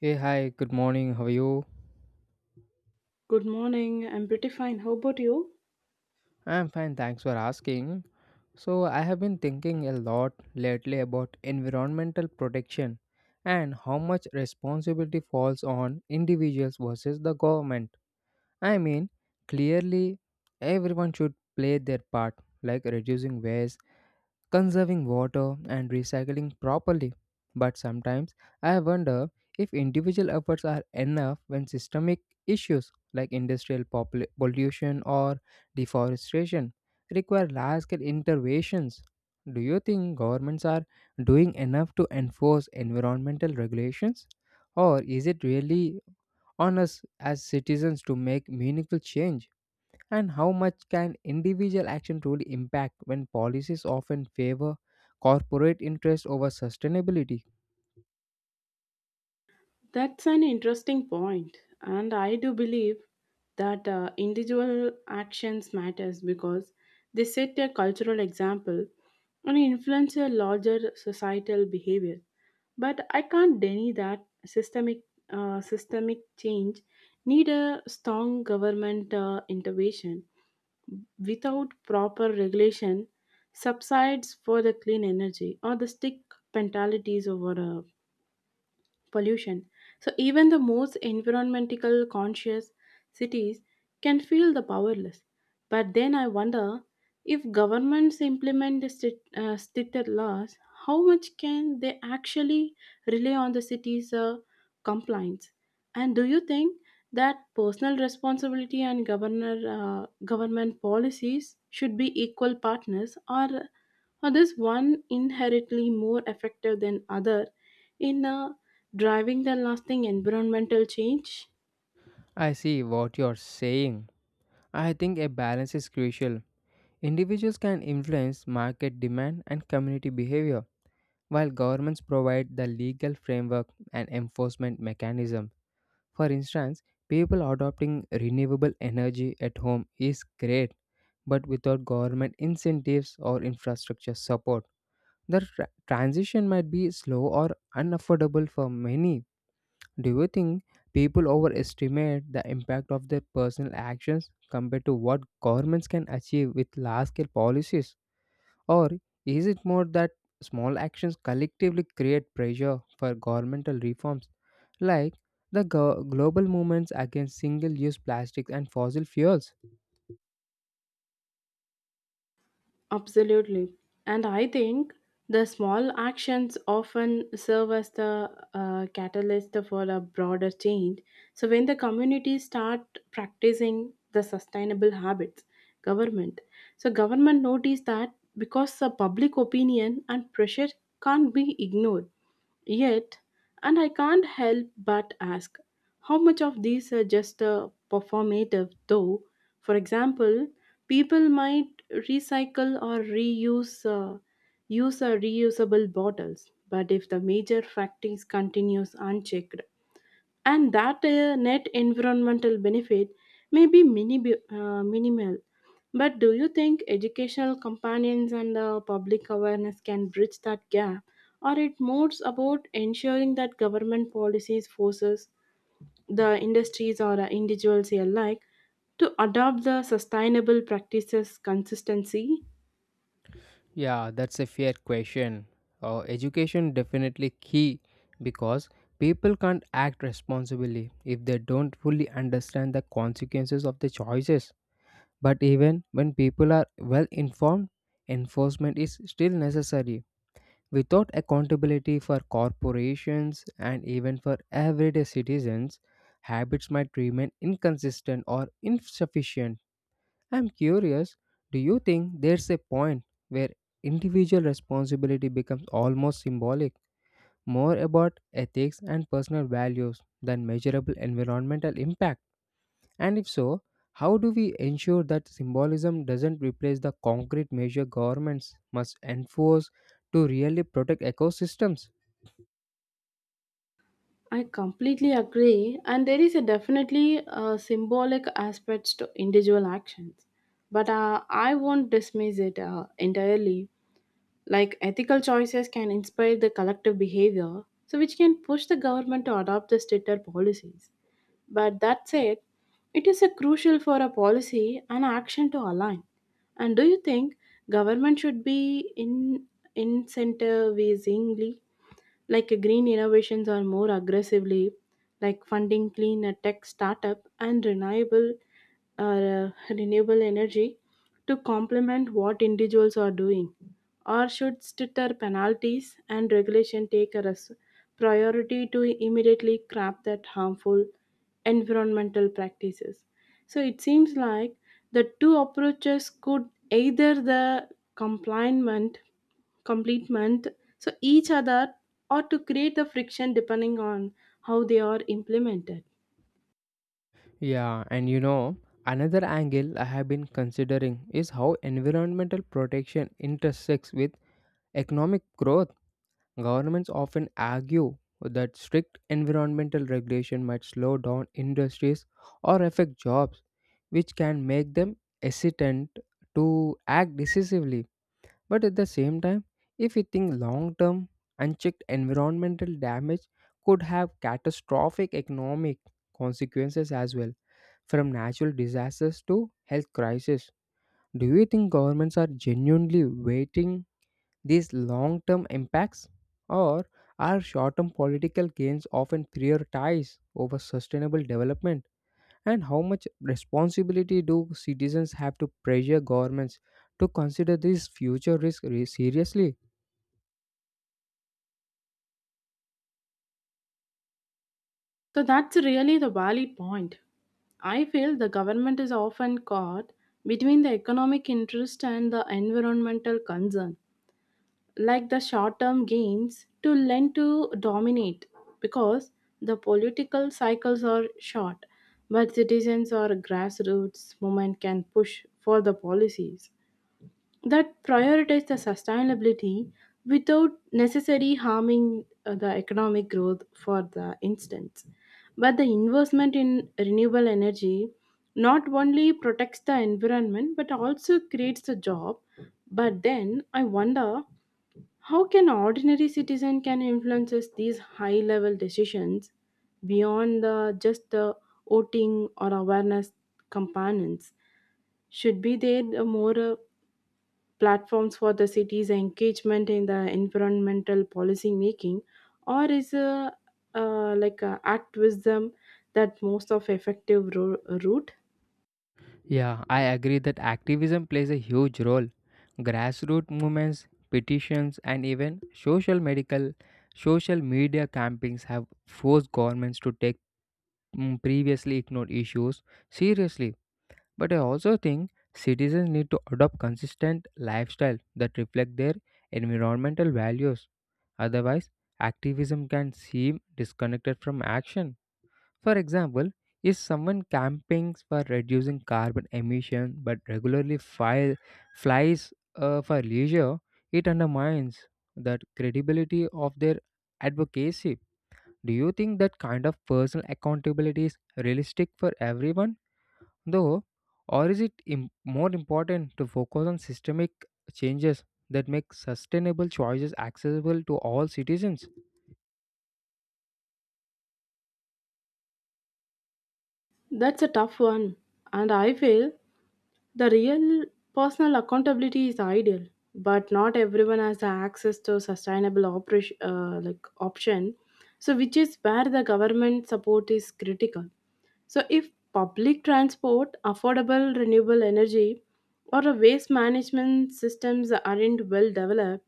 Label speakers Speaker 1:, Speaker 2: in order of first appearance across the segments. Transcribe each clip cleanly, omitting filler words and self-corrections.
Speaker 1: Hey, hi, good morning. How are you?
Speaker 2: Good morning. I'm pretty fine. How about you?
Speaker 1: I'm fine, thanks for asking. So, I have been thinking a lot lately about environmental protection and how much responsibility falls on individuals versus the government. I mean, clearly, everyone should play their part, like reducing waste, conserving water and recycling properly. But sometimes I wonder if individual efforts are enough when systemic issues like pollution or deforestation require large scale interventions. Do you think governments are doing enough to enforce environmental regulations? Or is it really on us as citizens to make meaningful change? And how much can individual action truly impact when policies often favor corporate interest over sustainability?
Speaker 2: That's an interesting point, and I do believe that individual actions matters because they set a cultural example and influence a larger societal behavior. But I can't deny that systemic change need a strong government intervention without proper regulation subsides for the clean energy or the stick mentalities over pollution. So even the most environmental conscious cities can feel the powerless. But then I wonder if governments implement stricter laws, how much can they actually rely on the city's compliance? And do you think that personal responsibility and government policies should be equal partners, or this one inherently more effective than other in driving the lasting environmental change?
Speaker 1: I see what you're saying. I think a balance is crucial. Individuals can influence market demand and community behavior, while governments provide the legal framework and enforcement mechanism. For instance, people adopting renewable energy at home is great, but without government incentives or infrastructure support. The transition might be slow or unaffordable for many. Do you think people overestimate the impact of their personal actions compared to what governments can achieve with large scale policies? Or is it more that small actions collectively create pressure for governmental reforms, like the global movements against single use plastics and fossil fuels?
Speaker 2: Absolutely. And I think the small actions often serve as the catalyst for a broader change. So, when the communities start practicing the sustainable habits, government. So, government notice that because the public opinion and pressure can't be ignored yet, and I can't help but ask how much of these are just performative, though. For example, people might recycle or reuse use reusable bottles, but if the major factories continues unchecked, and that net environmental benefit may be minimal. But do you think educational companions and public awareness can bridge that gap? Or it moves about ensuring that government policies forces the industries or individuals alike to adopt the sustainable practices consistency?
Speaker 1: Yeah, that's a fair question. Education definitely key because people can't act responsibly if they don't fully understand the consequences of their choices. But even when people are well informed, enforcement is still necessary. Without accountability for corporations and even for everyday citizens, habits might remain inconsistent or insufficient. I'm curious, do you think there's a point where individual responsibility becomes almost symbolic, more about ethics and personal values than measurable environmental impact? And if so, how do we ensure that symbolism doesn't replace the concrete measure governments must enforce to really protect ecosystems?
Speaker 2: I completely agree, and there is a definitely a symbolic aspects to individual actions, but I won't dismiss it entirely. Like ethical choices can inspire the collective behavior so which can push the government to adopt the stricter policies but that said it is a crucial for a policy and action to align. And do you think government should be in incentivizingly like green innovations or more aggressively like funding clean tech startup and renewable or renewable energy to complement what individuals are doing, or should stricter penalties and regulation take a priority to immediately craft that harmful environmental practices? So it seems like the two approaches could either the compliant complement each other or to create the friction depending on how they are implemented.
Speaker 1: Yeah, and you know, another angle I have been considering is how environmental protection intersects with economic growth. Governments often argue that strict environmental regulation might slow down industries or affect jobs, which can make them hesitant to act decisively. But at the same time, if we think long term, unchecked environmental damage could have catastrophic economic consequences as well, from natural disasters to health crises. Do you think governments are genuinely waiting these long term impacts, or our short term political gains often prioritized over sustainable development? And how much responsibility do citizens have to pressure governments to consider these future risks seriously?
Speaker 2: So that's really the valid point. I feel the government is often caught between the economic interest and the environmental concern, like the short term gains to lend to dominate because the political cycles are short, but citizens or grassroots movement can push for the policies that prioritize the sustainability without necessarily harming the economic growth. For the instance, but the investment in renewable energy not only protects the environment but also creates a job. But then I wonder how can ordinary citizen can influences these high level decisions beyond the just the voting or awareness components. Should be there a more platforms for the city's engagement in the environmental policy making, or is a like a activism that most of effective route?
Speaker 1: Yeah, I agree that activism plays a huge role. Grassroots movements, petitions, and even social media campaigns have forced governments to take previously ignored issues seriously. But I also think citizens need to adopt consistent lifestyle that reflect their environmental values. Otherwise, activism can seem disconnected from action. For example, if someone campaigns for reducing carbon emission but flies for leisure, it undermines the credibility of their advocacy. Do you think that kind of personal accountability is realistic for everyone? Though, or is it more important to focus on systemic changes that make sustainable choices accessible to all citizens?
Speaker 2: That's a tough one, and I feel the real personal accountability is ideal, but not everyone has the access to sustainable operation, like option. So, which is where the government support is critical. So, if public transport, affordable renewable energy, or a waste management systems aren't well developed,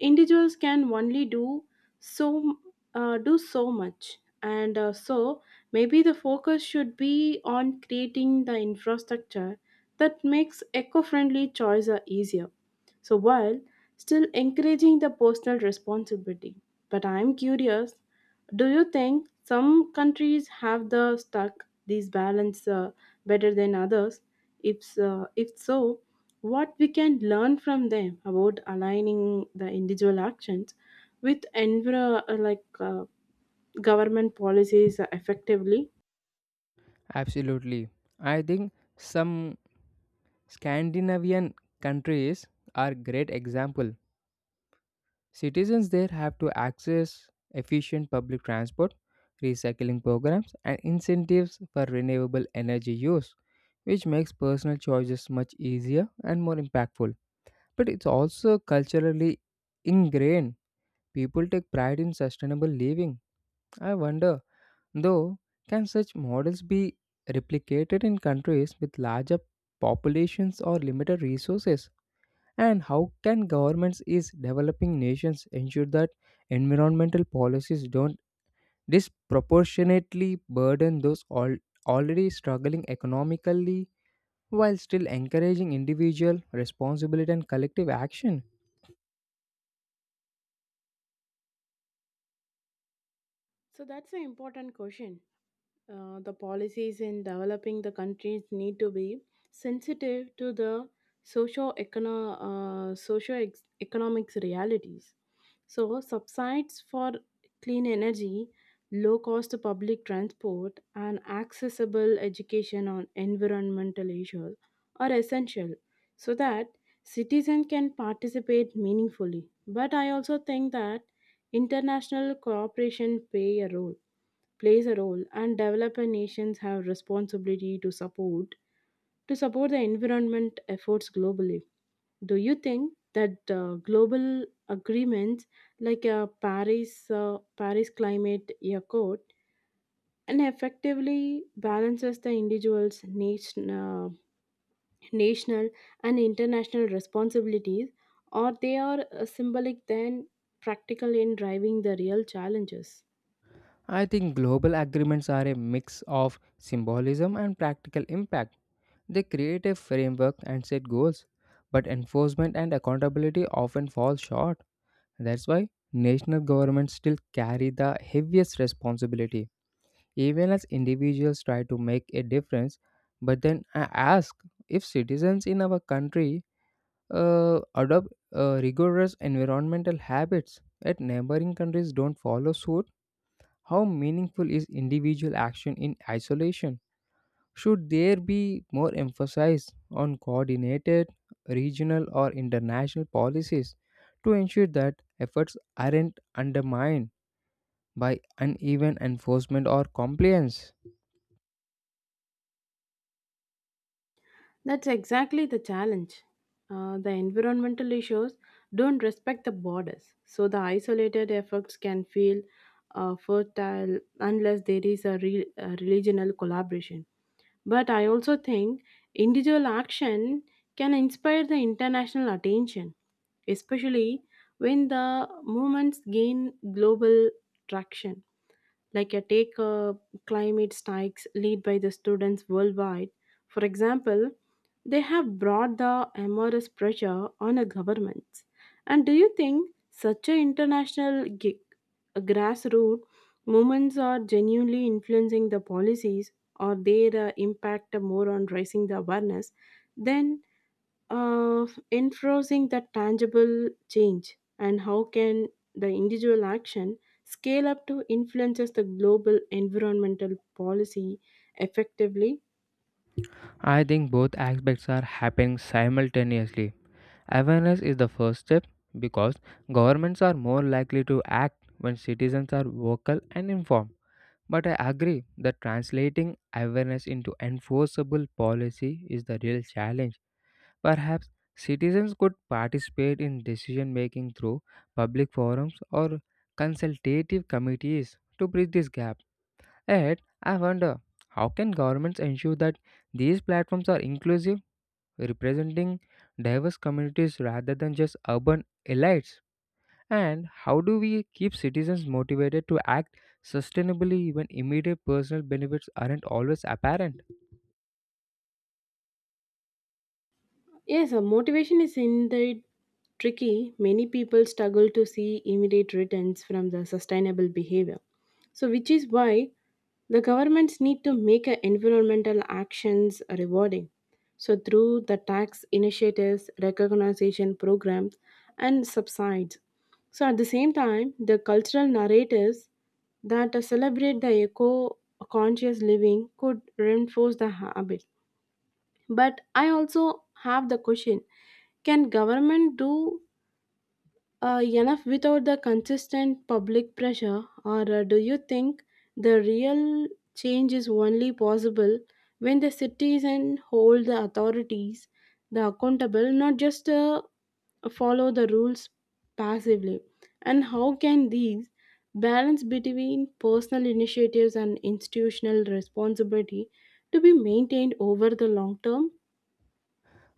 Speaker 2: individuals can only so do so much, and so maybe the focus should be on creating the infrastructure that makes eco-friendly choices easier, so while still encouraging the personal responsibility. But I am curious, do you think some countries have the stuck these balance better than others? If so, what we can learn from them about aligning the individual actions with government policies effectively?
Speaker 1: Absolutely. I think some Scandinavian countries are great example. Citizens there have to access efficient public transport, recycling programs and incentives for renewable energy use, which makes personal choices much easier and more impactful. But it's also culturally ingrained. People take pride in sustainable living. I wonder, though, can such models be replicated in countries with larger populations or limited resources? And how can governments is developing nations ensure that environmental policies don't disproportionately burden those already struggling economically while still encouraging individual responsibility and collective action?
Speaker 2: So that's an important question. The policies in developing the countries need to be sensitive to the economics realities. So, subsides for clean energy, low cost public transport, and accessible education on environmental issues are essential so that citizens can participate meaningfully. But I also think that international cooperation play a role plays a role and developing nations have responsibility to support the environment efforts globally. Do you think that global agreements like paris climate accord and effectively balances the individual's national and international responsibilities, or they are symbolic than practical in driving the real challenges?
Speaker 1: I think global agreements are a mix of symbolism and practical impact. They create a framework and set goals, but enforcement and accountability often fall short. That's why national governments still carry the heaviest responsibility. Even as individuals try to make a difference, but then I ask, if citizens in our country adopt rigorous environmental habits yet neighboring countries don't follow suit, how meaningful is individual action in isolation? Should there be more emphasis on coordinated regional or international policies to ensure that efforts aren't undermined by uneven enforcement or compliance?
Speaker 2: That's exactly the challenge. The environmental issues don't respect the borders, so the isolated efforts can feel fertile unless there is a regional collaboration. But I also think individual action can inspire the international attention, especially when the movements gain global traction. Like a take climate strikes led by the students worldwide. For example, they have brought the enormous pressure on the governments. And do you think such an international grassroots movements are genuinely influencing the policies or their impact more on raising the awareness than uh, enforcing the tangible change, and how can the individual action scale up to influences the global environmental policy effectively?
Speaker 1: I think both aspects are happening simultaneously. Awareness is the first step because governments are more likely to act when citizens are vocal and informed. But I agree that translating awareness into enforceable policy is the real challenge. Perhaps citizens could participate in decision making through public forums or consultative committees to bridge this gap. Yet, I wonder, how can governments ensure that these platforms are inclusive, representing diverse communities rather than just urban elites? And how do we keep citizens motivated to act sustainably when immediate personal benefits aren't always apparent?
Speaker 2: Yes, motivation is indeed tricky. Many people struggle to see immediate returns from the sustainable behavior, so which is why the governments need to make a environmental actions rewarding. So through the tax initiatives, recognition programs, and subsides. So at the same time, the cultural narratives that celebrate the eco-conscious living could reinforce the habit. But I also have the question: can government do enough without the consistent public pressure, or do you think the real change is only possible when the citizens hold the authorities the accountable, not just follow the rules passively? And how can these balance between personal initiatives and institutional responsibility to be maintained over the long term?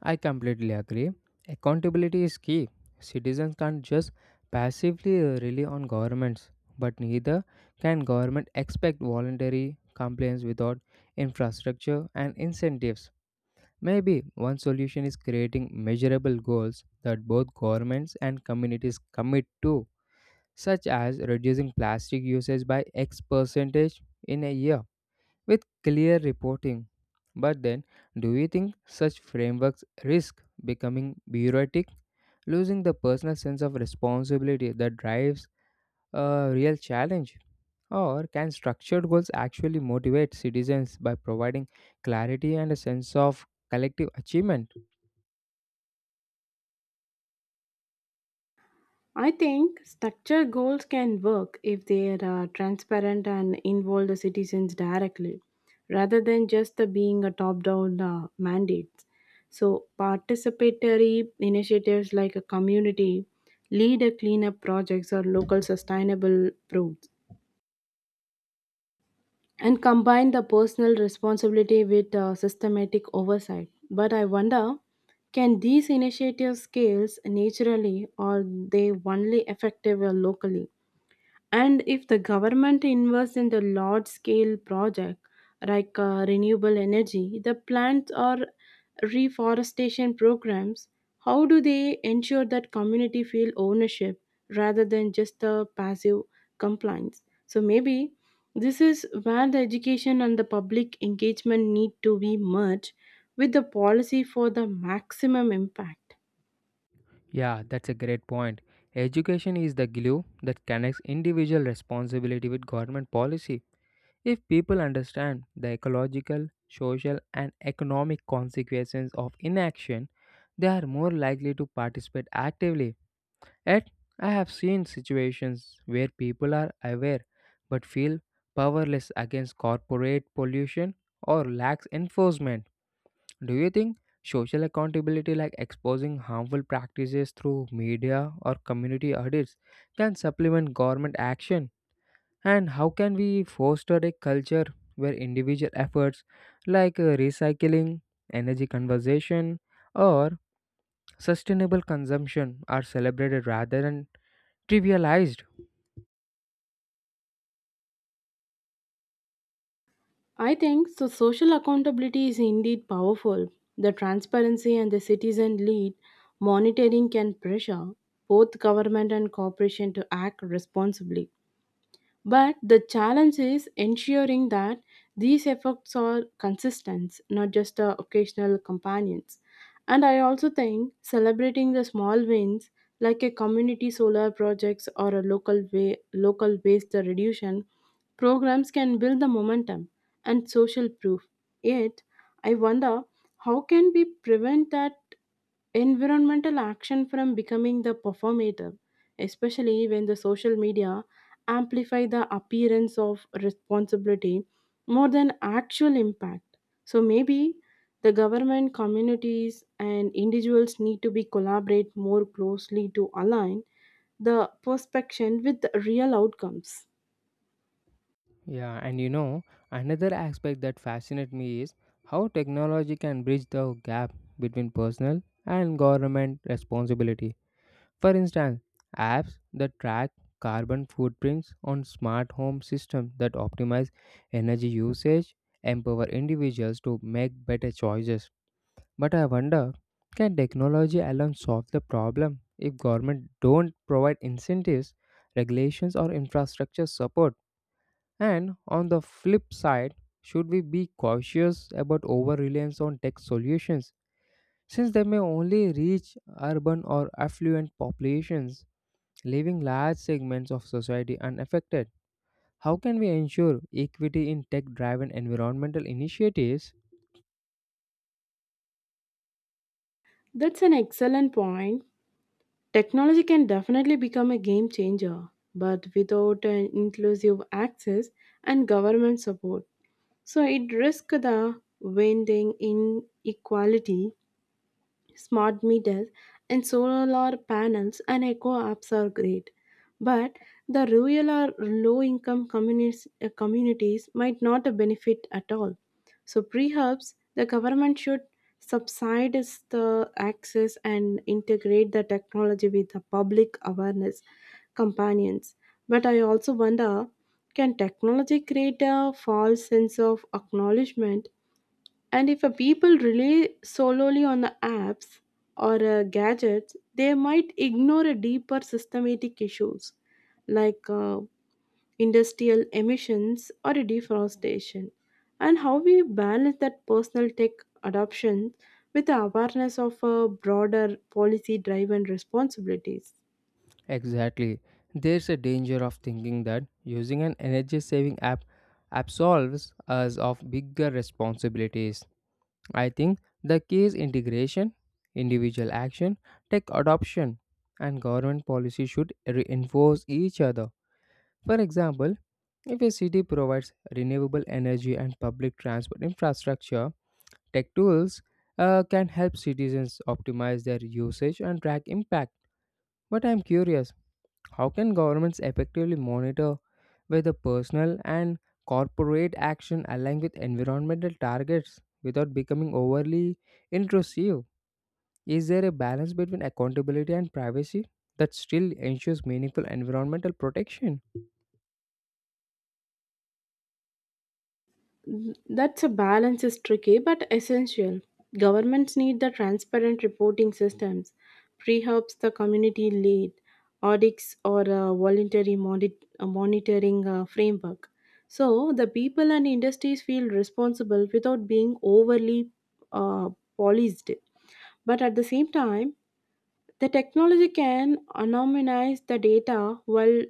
Speaker 1: I completely agree. Accountability is key. Citizens can't just passively rely on governments, but neither can government expect voluntary compliance without infrastructure and incentives. Maybe one solution is creating measurable goals that both governments and communities commit to, such as reducing plastic usage by X percentage in a year with clear reporting. But then, do you think such frameworks risk becoming bureaucratic, losing the personal sense of responsibility that drives a real challenge? Or can structured goals actually motivate citizens by providing clarity and a sense of collective achievement?
Speaker 2: I think structure goals can work if they are transparent and involve the citizens directly rather than just the being a top down mandates. So, participatory initiatives like a community, leader cleanup projects, or local sustainable proofs, and combine the personal responsibility with systematic oversight. But I wonder, can these initiatives scale naturally or they only effective locally? And if the government invests in the large scale project like renewable energy, the plants or reforestation programs, how do they ensure that community feel ownership rather than just the passive compliance? So maybe this is where the education and the public engagement need to be merged with the policy for the maximum impact.
Speaker 1: Yeah, that's a great point. Education is the glue that connects individual responsibility with government policy. If people understand the ecological, social, and economic consequences of inaction, they are more likely to participate actively. Yet, I have seen situations where people are aware but feel powerless against corporate pollution or lacks enforcement. Do you think social accountability, like exposing harmful practices through media or community audits, can supplement government action? And how can we foster a culture where individual efforts like recycling, energy conservation, or sustainable consumption are celebrated rather than trivialized?
Speaker 2: I think so social accountability is indeed powerful. The transparency and the citizen lead monitoring can pressure both government and corporation to act responsibly. But the challenge is ensuring that these efforts are consistent, not just occasional companions. And I also think celebrating the small wins, like a community solar projects or local waste reduction programs, can build the momentum and social proof. Yet, I wonder, how can we prevent that environmental action from becoming the performative, especially when the social media amplify the appearance of responsibility more than actual impact. So maybe the government, communities, and individuals need to be collaborate more closely to align the perception with the real outcomes.
Speaker 1: Yeah, and you know, another aspect that fascinates me is how technology can bridge the gap between personal and government responsibility. For instance, apps that track carbon footprints on smart home systems that optimize energy usage empower individuals to make better choices. But I wonder, can technology alone solve the problem if government don't provide incentives, regulations or infrastructure support? And on the flip side, should we be cautious about over-reliance on tech solutions since they may only reach urban or affluent populations, leaving large segments of society unaffected? How can we ensure equity in tech driven environmental initiatives?
Speaker 2: That's an excellent point. Technology can definitely become a game changer, but without an inclusive access and government support. So it risks the winding inequality. Smart meters and solar panels and eco apps are great, but the rural or low income communities might not benefit at all. So perhaps the government should subsidize the access and integrate the technology with the public awareness companions. But I also wonder, can technology create a false sense of acknowledgement, and if a people rely solely on the apps or gadgets, they might ignore a deeper systematic issues like industrial emissions or deforestation, and how we balance that personal tech adoption with the awareness of broader policy driven responsibilities.
Speaker 1: Exactly. There's a danger of thinking that using an energy saving app absolves us of bigger responsibilities. I think the key is integration, individual action, tech adoption, and government policy should reinforce each other. For example, if a city provides renewable energy and public transport infrastructure, tech tools can help citizens optimize their usage and track impact. But I'm curious, how can governments effectively monitor whether personal and corporate action align with environmental targets without becoming overly intrusive? Is there a balance between accountability and privacy that still ensures meaningful environmental protection?
Speaker 2: That's a balance is tricky but essential. Governments need the transparent reporting systems, pre helps the community lead, audits or a voluntary monitoring framework. So the people and industries feel responsible without being overly uh, policed. But at the same time, the technology can anonymize the data while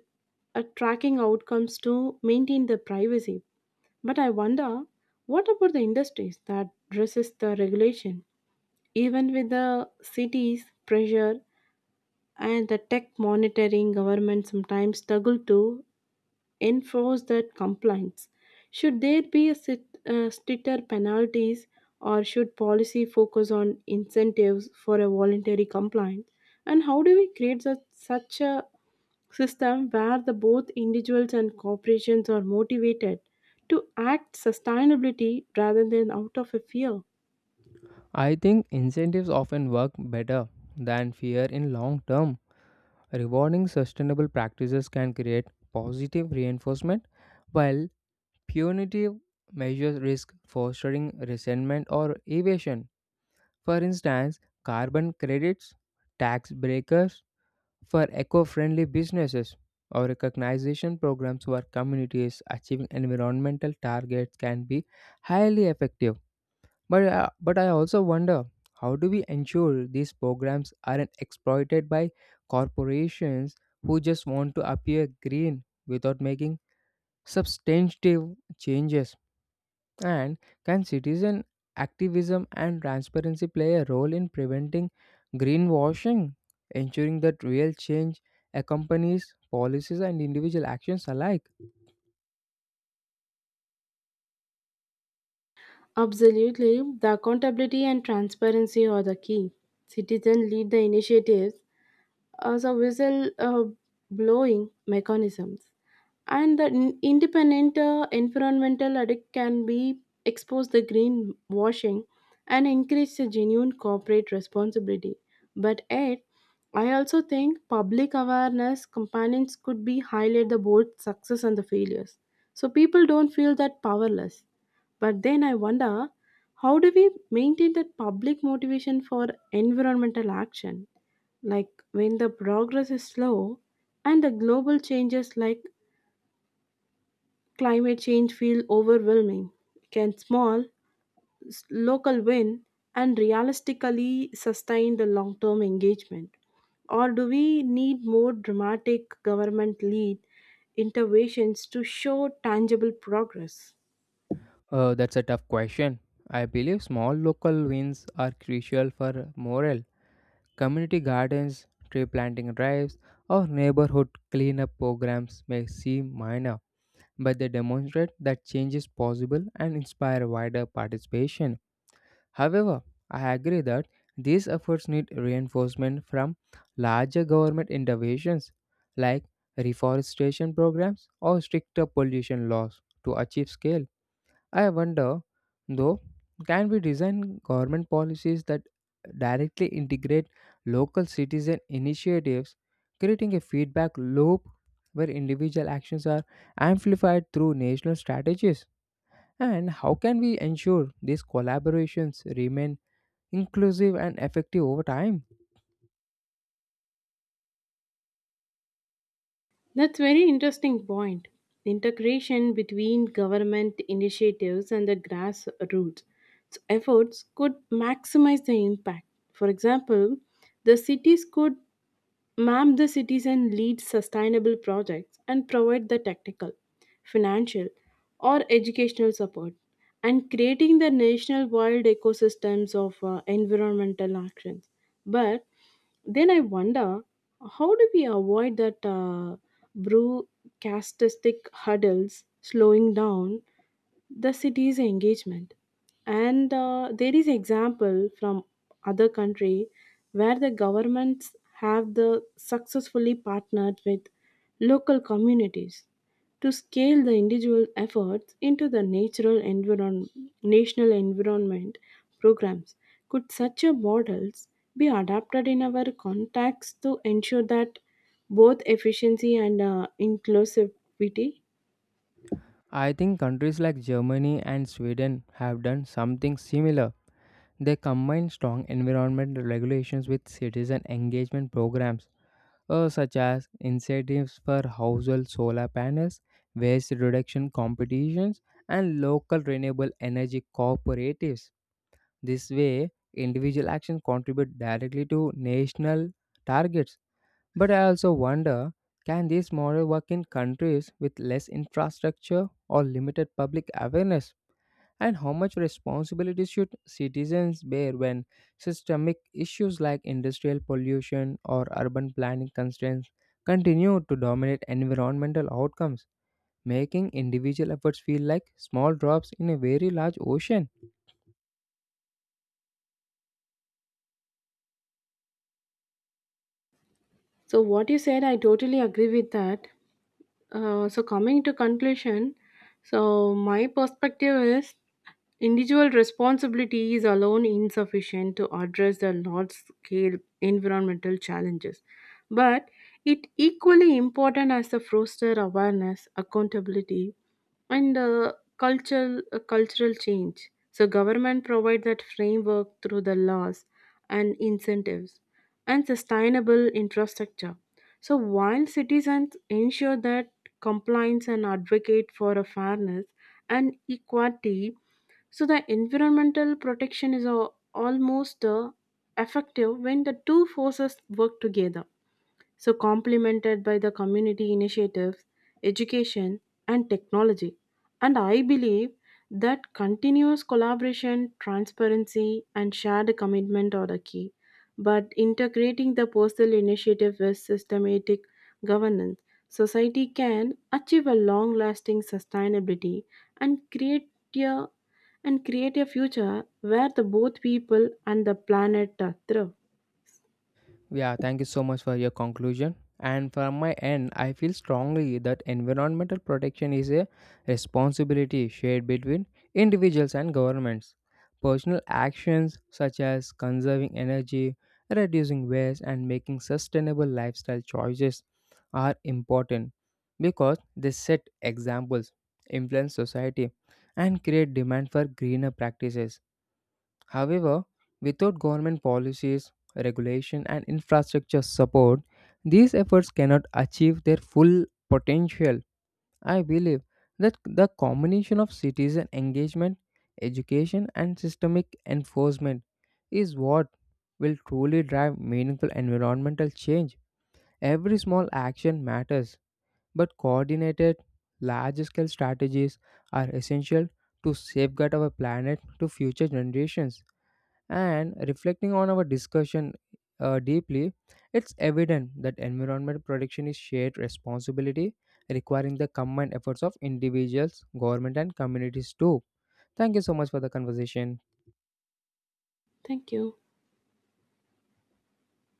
Speaker 2: tracking outcomes to maintain the privacy. But I wonder, what about the industries that resist the regulation? Even with the cities' pressure and the tech monitoring, government sometimes struggle to enforce that compliance? Should there be a stricter penalties, or should policy focus on incentives for a voluntary compliance? And how do we create such a system where the both individuals and corporations are motivated to act sustainability rather than out of a fear?
Speaker 1: I think incentives often work better than fear in long term. Rewarding sustainable practices can create positive reinforcement, while punitive measures risk fostering resentment or evasion. For instance, carbon credits, tax breakers, for eco friendly businesses or recognition programs where communities achieving environmental targets can be highly effective. But I also wonder, how do we ensure these programs aren't exploited by corporations who just want to appear green without making substantive changes? And can citizen activism and transparency play a role in preventing greenwashing, ensuring that real change accompanies policies and individual actions alike?
Speaker 2: Absolutely, the accountability and transparency are the key. Citizens lead the initiatives as a whistle blowing mechanisms, and the independent environmental audit can be expose the green washing and increase the genuine corporate responsibility. But yet, I also think public awareness campaigns could be highlight the both success and the failures, so people don't feel that powerless. But then I wonder, how do we maintain that public motivation for environmental action? Like when the progress is slow and the global changes like climate change feel overwhelming, can local win and realistically sustain the long term engagement? Or do we need more dramatic government lead interventions to show tangible progress?
Speaker 1: That's a tough question. I believe small local wins are crucial for morale. Community gardens, tree planting drives, or neighborhood cleanup programs may seem minor, but they demonstrate that change is possible and inspire wider participation. However, I agree that these efforts need reinforcement from larger government interventions like reforestation programs or stricter pollution laws to achieve scale. I wonder, though, can we design government policies that directly integrate local citizen initiatives, creating a feedback loop where individual actions are amplified through national strategies? And how can we ensure these collaborations remain inclusive and effective over time?
Speaker 2: That's very interesting point. The integration between government initiatives and the grassroots. So, efforts could maximize the impact. For example, the cities could map the cities and lead sustainable projects and provide the technical, financial, or educational support, and creating the national wild ecosystems of environmental actions. But then I wonder, how do we avoid that broadcastistic hurdles slowing down the city's engagement? And there is example from other country where the governments have the successfully partnered with local communities to scale the individual efforts into the natural environ national environment programs. Could such a models be adapted in our context to ensure that both efficiency and inclusivity?
Speaker 1: I think countries like Germany and Sweden have done something similar. They combine strong environmental regulations with citizen engagement programs, such as incentives for household solar panels, waste reduction competitions, and local renewable energy cooperatives. This way, individual actions contribute directly to national targets. But I also wonder, can this model work in countries with less infrastructure or limited public awareness? And how much responsibility should citizens bear when systemic issues like industrial pollution or urban planning constraints continue to dominate environmental outcomes, making individual efforts feel like small drops in a very large ocean?
Speaker 2: So what you said, I totally agree with that. So coming to conclusion, so my perspective is individual responsibility is alone insufficient to address the large scale environmental challenges, but it equally important as the foster awareness, accountability, and cultural change. So government provide that framework through the laws and incentives and sustainable infrastructure. So while citizens ensure that compliance and advocate for a fairness and equality, so the environmental protection is a, almost effective when the two forces work together, so complemented by the community initiatives, education, and technology. And I believe that continuous collaboration, transparency, and shared commitment are the key. But integrating the postal initiative with systematic governance, society can achieve a long lasting sustainability and create a and create a future where the both people and the planet thrive.
Speaker 1: Yeah, thank you so much for your conclusion. And from my end, I feel strongly that environmental protection is a responsibility shared between individuals and governments. Personal actions such as conserving energy, reducing waste, and making sustainable lifestyle choices are important because they set examples, influence society, and create demand for greener practices. However, without government policies, regulation, and infrastructure support, these efforts cannot achieve their full potential. I believe that the combination of citizen engagement, education, and systemic enforcement is what will truly drive meaningful environmental change. Every small action matters, but coordinated, large scale strategies are essential to safeguard our planet to future generations. And reflecting on our discussion deeply, it's evident that environment protection is shared responsibility requiring the combined efforts of individuals, government, and communities too. Thank you so much for the conversation.
Speaker 2: Thank you.